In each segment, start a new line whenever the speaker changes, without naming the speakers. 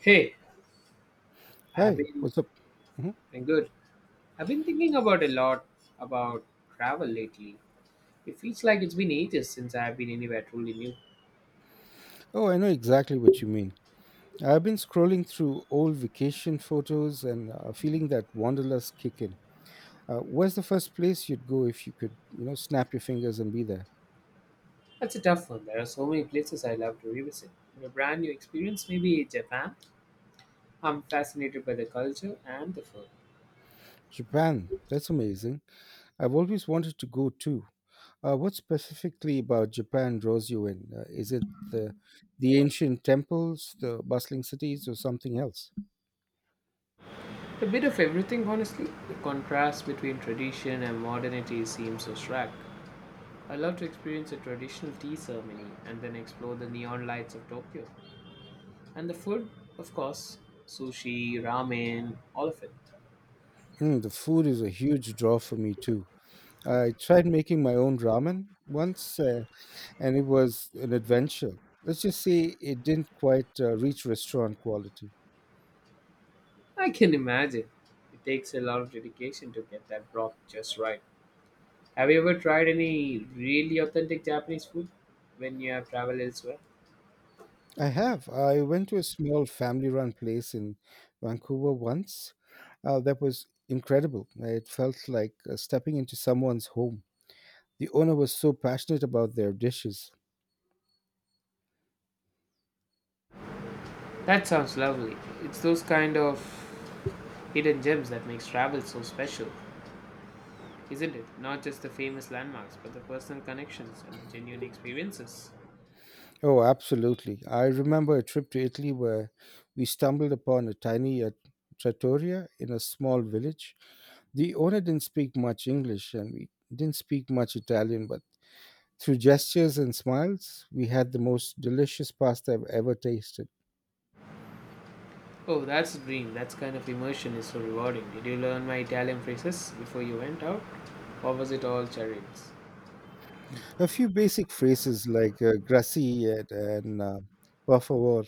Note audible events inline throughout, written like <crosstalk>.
Hey, I've
Hi,
been
what's up? Mhm.
I'm good. I've been thinking about a lot about travel lately. It feels like it's been ages since I've been anywhere truly new.
Oh, I know exactly what you mean. I've been scrolling through old vacation photos and feeling that wanderlust kick in. Where's the first place you'd go if you could, you know, snap your fingers and be there?
That's a tough one. There are so many places I love to revisit. And a brand new experience, maybe Japan. I'm fascinated by the culture and the food.
Japan. That's amazing. I've always wanted to go too. What specifically about Japan draws you in? Is it the the ancient temples, the bustling cities, or something else?
A bit of everything, honestly. The contrast between tradition and modernity seems so stark. I love to experience a traditional tea ceremony and then explore the neon lights of Tokyo. And the food, of course, sushi, ramen, all of it.
Mm, the food is a huge draw for me too. I tried making my own ramen once, and it was an adventure. Let's just say it didn't quite reach restaurant quality.
I can imagine. It takes a lot of dedication to get that broth just right. Have you ever tried any really authentic Japanese food when you have traveled elsewhere?
I have. I went to a small family run place in Vancouver once. That was incredible. It felt like stepping into someone's home. The owner was so passionate about their dishes.
That sounds lovely. It's those kind of hidden gems that makes travel so special, isn't it? Not just the famous landmarks, but the personal connections and the genuine experiences.
Oh, absolutely. I remember a trip to Italy where we stumbled upon a tiny trattoria in a small village. The owner didn't speak much English and we didn't speak much Italian, but through gestures and smiles, we had the most delicious pasta I've ever tasted.
Oh, that's dream. That's kind of immersion is so rewarding. Did you learn my Italian phrases before you went out? Or was it all charades?
A few basic phrases like grazie and per favor,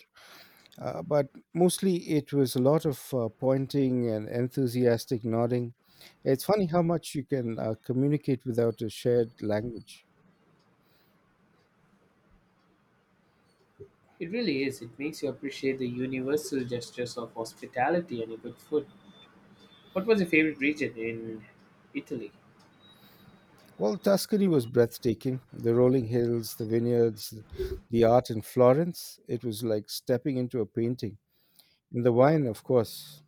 but mostly it was a lot of pointing and enthusiastic nodding. It's funny how much you can communicate without a shared language.
It really is. It makes you appreciate the universal gestures of hospitality and a good food. What was your favorite region in Italy?
Well, Tuscany was breathtaking. The rolling hills, the vineyards, the art in Florence. It was like stepping into a painting. And the wine, of course.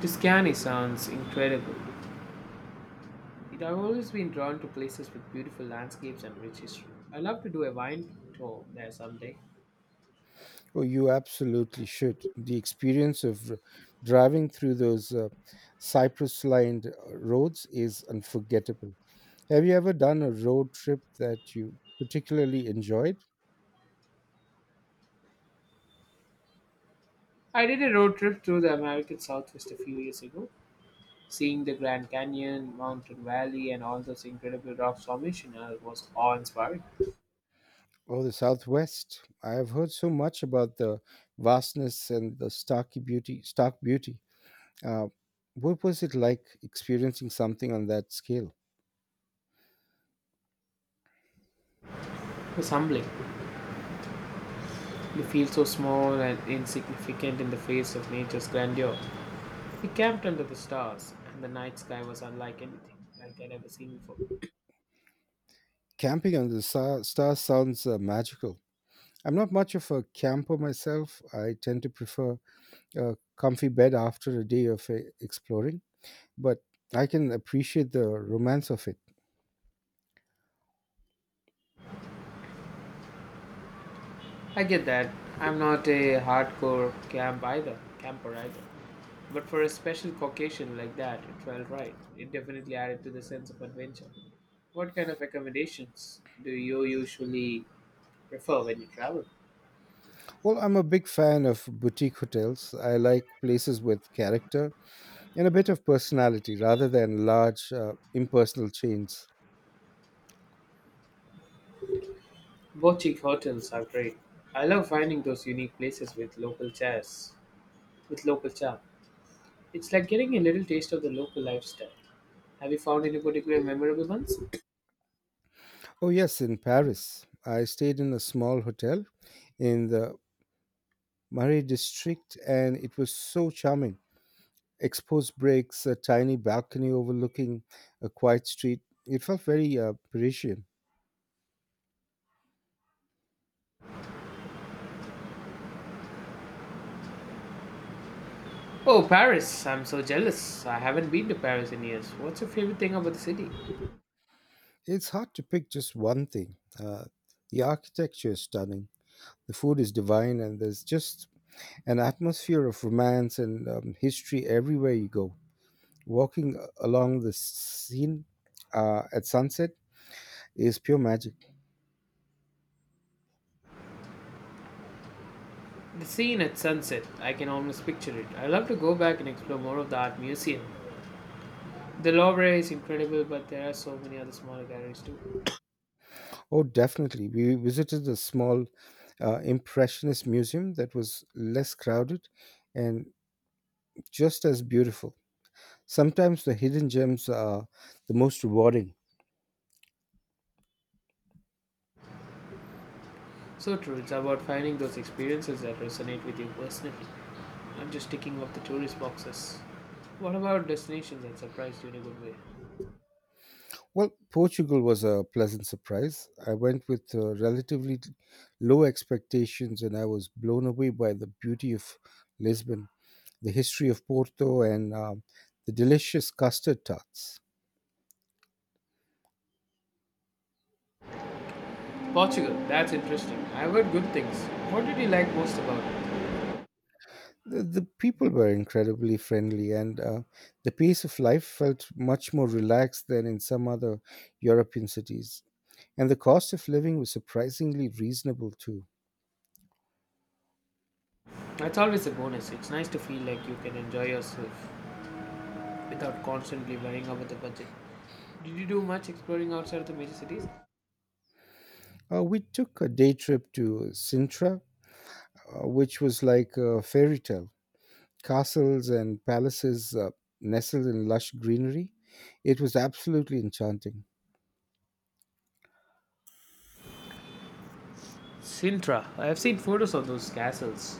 Tuscany sounds incredible. It, I've always been drawn to places with beautiful landscapes and rich history. I'd love to do a wine tour there someday.
Oh, you absolutely should. The experience of driving through those cypress lined roads is unforgettable. Have you ever done a road trip that you particularly enjoyed?
I did a road trip through the American Southwest a few years ago, seeing the Grand Canyon, Mountain Valley, and all those incredible rock formations was awe-inspiring.
Oh, the Southwest. I have heard so much about the vastness and the stark beauty. Uh, what was it like experiencing something on that scale?
It was humbling. You feel so small and insignificant in the face of nature's grandeur. We camped under the stars, and the night sky was unlike anything like I'd ever seen before.
Camping under the stars sounds magical. I'm not much of a camper myself. I tend to prefer a comfy bed after a day of exploring, but I can appreciate the romance of it.
I get that. I'm not a hardcore camper either. But for a special Caucasian like that, it felt right. It definitely added to the sense of adventure. What kind of accommodations do you usually prefer when you travel?
Well, I'm a big fan of boutique hotels. I like places with character and a bit of personality rather than large, impersonal chains.
Boutique hotels are great. I love finding those unique places with local charm. It's like getting a little taste of the local lifestyle. Have you found any particular memorable ones?
Oh, yes, in Paris, I stayed in a small hotel in the Murray District, and it was so charming. Exposed bricks, a tiny balcony overlooking a quiet street. It felt very Parisian.
Oh, Paris! I'm so jealous. I haven't been to Paris in years. What's your favorite thing about the city?
It's hard to pick just one thing. The architecture is stunning, the food is divine, and there's just an atmosphere of romance and history everywhere you go. Walking along the scene at sunset is pure magic.
The scene at sunset. I can almost picture it. I'd love to go back and explore more of the art museum. The Louvre is incredible, but there are so many other smaller galleries too.
Oh, definitely. We visited a small Impressionist museum that was less crowded and just as beautiful. Sometimes the hidden gems are the most rewarding.
So true, it's about finding those experiences that resonate with you personally. I'm just ticking off the tourist boxes. What about destinations that surprised you in a good way?
Well, Portugal was a pleasant surprise. I went with relatively low expectations and I was blown away by the beauty of Lisbon, the history of Porto, and the delicious custard tarts.
Portugal, that's interesting. I've heard good things. What did you like most about it?
The people were incredibly friendly and the pace of life felt much more relaxed than in some other european cities, and the cost of living was surprisingly reasonable too.
That's always a bonus. It's nice to feel like you can enjoy yourself without constantly worrying about the budget. Did you do much exploring outside of the major cities?
We took a day trip to sintra, which was like a fairy tale. Castles and palaces nestled in lush greenery, it was absolutely enchanting.
Sintra. I've seen photos of those castles.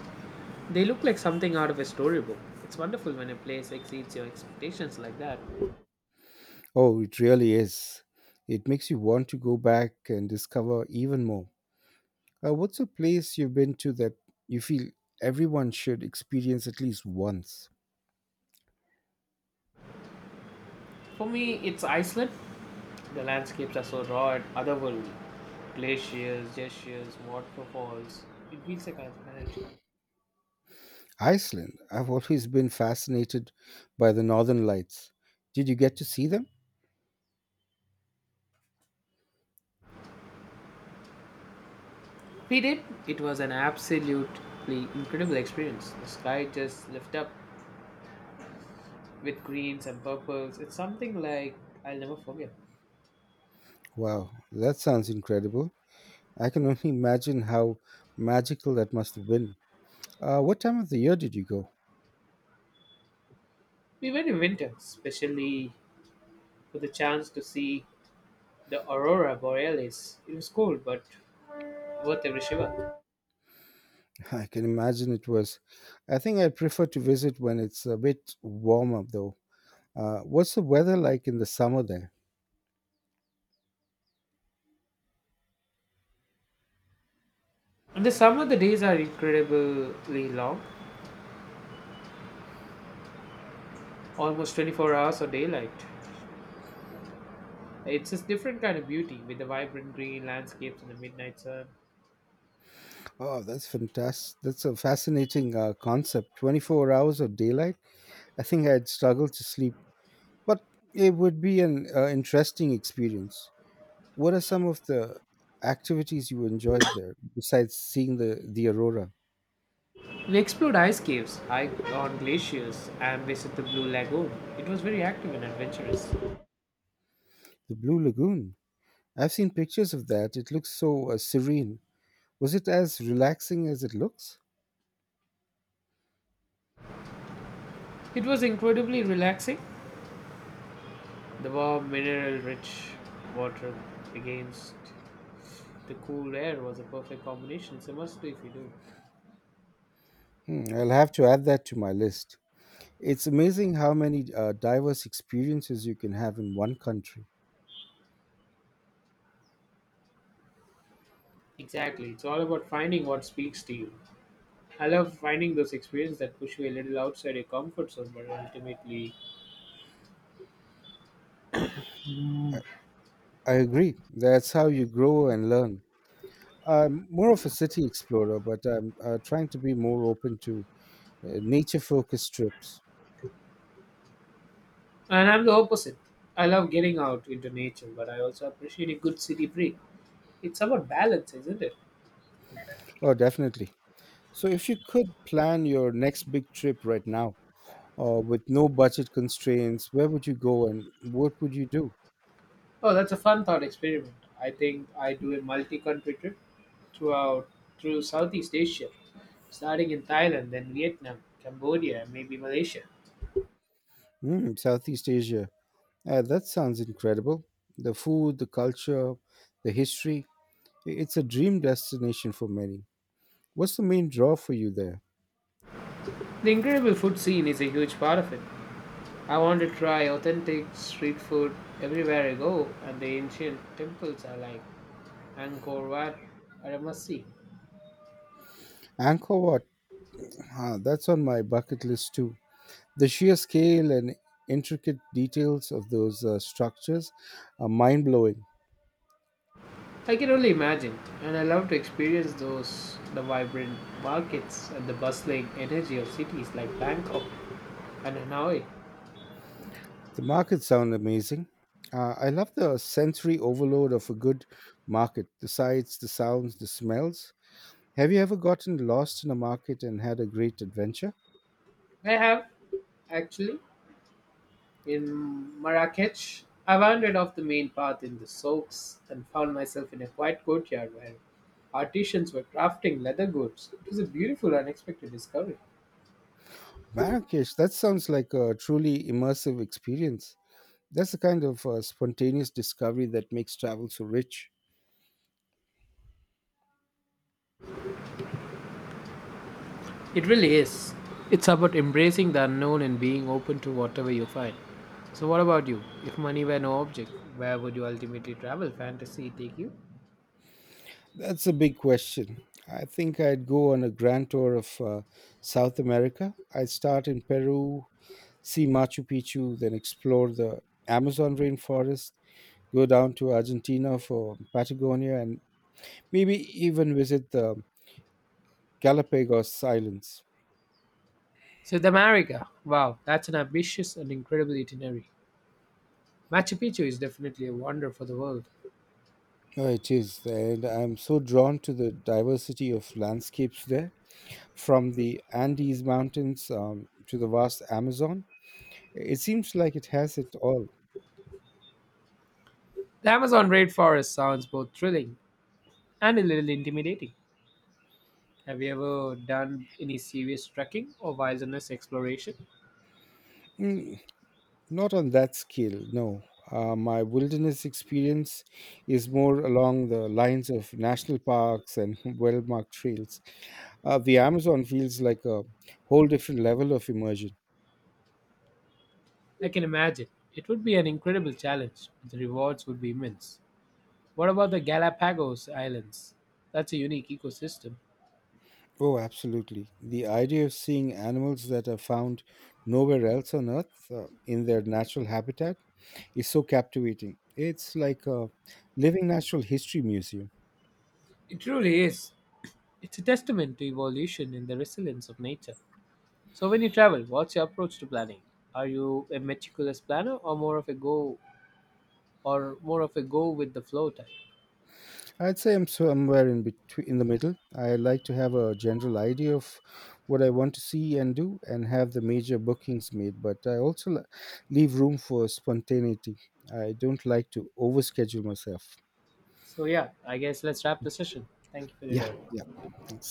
They look like something out of a storybook. It's wonderful when a place exceeds your expectations like that.
Oh, it really is. It makes you want to go back and discover even more. What's a place you've been to that you feel everyone should experience at least once?
For me, it's Iceland. The landscapes are so raw and otherworldly. Glaciers, gestures, waterfalls. It feels like a energy.
Iceland. I've always been fascinated by the northern lights. Did you get to see them?
We did. It was an absolutely incredible experience. The sky just lit up with greens and purples. It's something like I'll never forget.
Wow, that sounds incredible. I can <laughs> only imagine how magical that must have been. What time of the year did you go?
We went in winter, especially for the chance to see the aurora borealis. It was cold, but worth every shiver.
<laughs> I can imagine it was. I think I prefer to visit when it's a bit warmer, though. What's the weather like in the summer there?
In the summer, the days are incredibly long, almost 24 hours of daylight. It's a different kind of beauty with the vibrant green landscapes in the midnight sun.
Oh, that's fantastic. That's a fascinating concept. 24 hours of daylight? I think I'd struggle to sleep, but it would be an interesting experience. What are some of the activities you enjoyed there besides seeing the aurora?
We explored ice caves, hiked on glaciers, and visited the Blue Lagoon. It was very active and adventurous.
The Blue Lagoon. I've seen pictures of that. It looks so serene. Was it as relaxing as it looks?
It was incredibly relaxing. The warm, mineral rich water against the cool air was a perfect combination. It's a must do if you do.
Hmm, I'll have to add that to my list. It's amazing how many diverse experiences you can have in one country.
Exactly. It's all about finding what speaks to you. I love finding those experiences that push you a little outside your comfort zone but ultimately.
I agree. That's how you grow and learn. I'm more of a city explorer, but I'm trying to be more open to nature focused trips.
And I'm the opposite. I love getting out into nature, but I also appreciate a good city break. It's about balance, isn't it?
Oh, definitely. So, if you could plan your next big trip right now, with no budget constraints, where would you go and what would you do?
Oh, that's a fun thought experiment. I think I do a multi-country trip throughout through Southeast Asia, starting in Thailand, then Vietnam, Cambodia, and maybe Malaysia.
Mm, Southeast Asia. That sounds incredible. The food, the culture, the history. It's a dream destination for many. What's the main draw for you there?
The incredible food scene is a huge part of it. I want to try authentic street food everywhere I go, and the ancient temples are like Angkor Wat are a must see.
Angkor Wat. Ah, that's on my bucket list too. The sheer scale and intricate details of those structures are mind blowing.
I can only imagine, and I love to experience those the vibrant markets and the bustling energy of cities like Bangkok and Hanoi.
The markets sound amazing. I love the sensory overload of a good market, the sights, the sounds, the smells. Have you ever gotten lost in a market and had a great adventure?
I have, actually, in Marrakech. I wandered off the main path in the souks and found myself in a quiet courtyard where artisans were crafting leather goods. It was a beautiful, unexpected discovery.
Marrakesh, that sounds like a truly immersive experience. That's the kind of spontaneous discovery that makes travel so rich.
It really is. It's about embracing the unknown and being open to whatever you find. So, what about you? If money were no object, where would you ultimately travel? Fantasy take you?
That's a big question. I think I'd go on a grand tour of South America. I'd start in Peru, see Machu Picchu, then explore the Amazon rainforest, go down to Argentina for Patagonia, and maybe even visit the Galapagos Islands.
South America. Wow, that's an ambitious and incredible itinerary. Machu Picchu is definitely a wonder for the world.
Oh, it is. And I'm so drawn to the diversity of landscapes there, from the Andes Mountains to the vast Amazon. It seems like it has it all.
The Amazon rainforest sounds both thrilling and a little intimidating. Have you ever done any serious trekking or wilderness exploration?
Mm, not on that scale, no. My wilderness experience is more along the lines of national parks and <laughs> well marked trails. The Amazon feels like a whole different level of immersion.
I can imagine. It would be an incredible challenge, but the rewards would be immense. What about the Galapagos Islands? That's a unique ecosystem.
Oh, absolutely. The idea of seeing animals that are found nowhere else on Earth in their natural habitat is so captivating. It's like a living natural history museum.
It truly is. It's a testament to evolution and the resilience of nature. So, when you travel, what's your approach to planning? Are you a meticulous planner or more of a go with the flow type?
I'd say I'm somewhere in between, in the middle. I like to have a general idea of what I want to see and do, and have the major bookings made. But I also leave room for spontaneity. I don't like to overschedule myself.
So, yeah, I guess let's wrap the session. Thank you for your
Yeah,
time.
yeah. Thanks.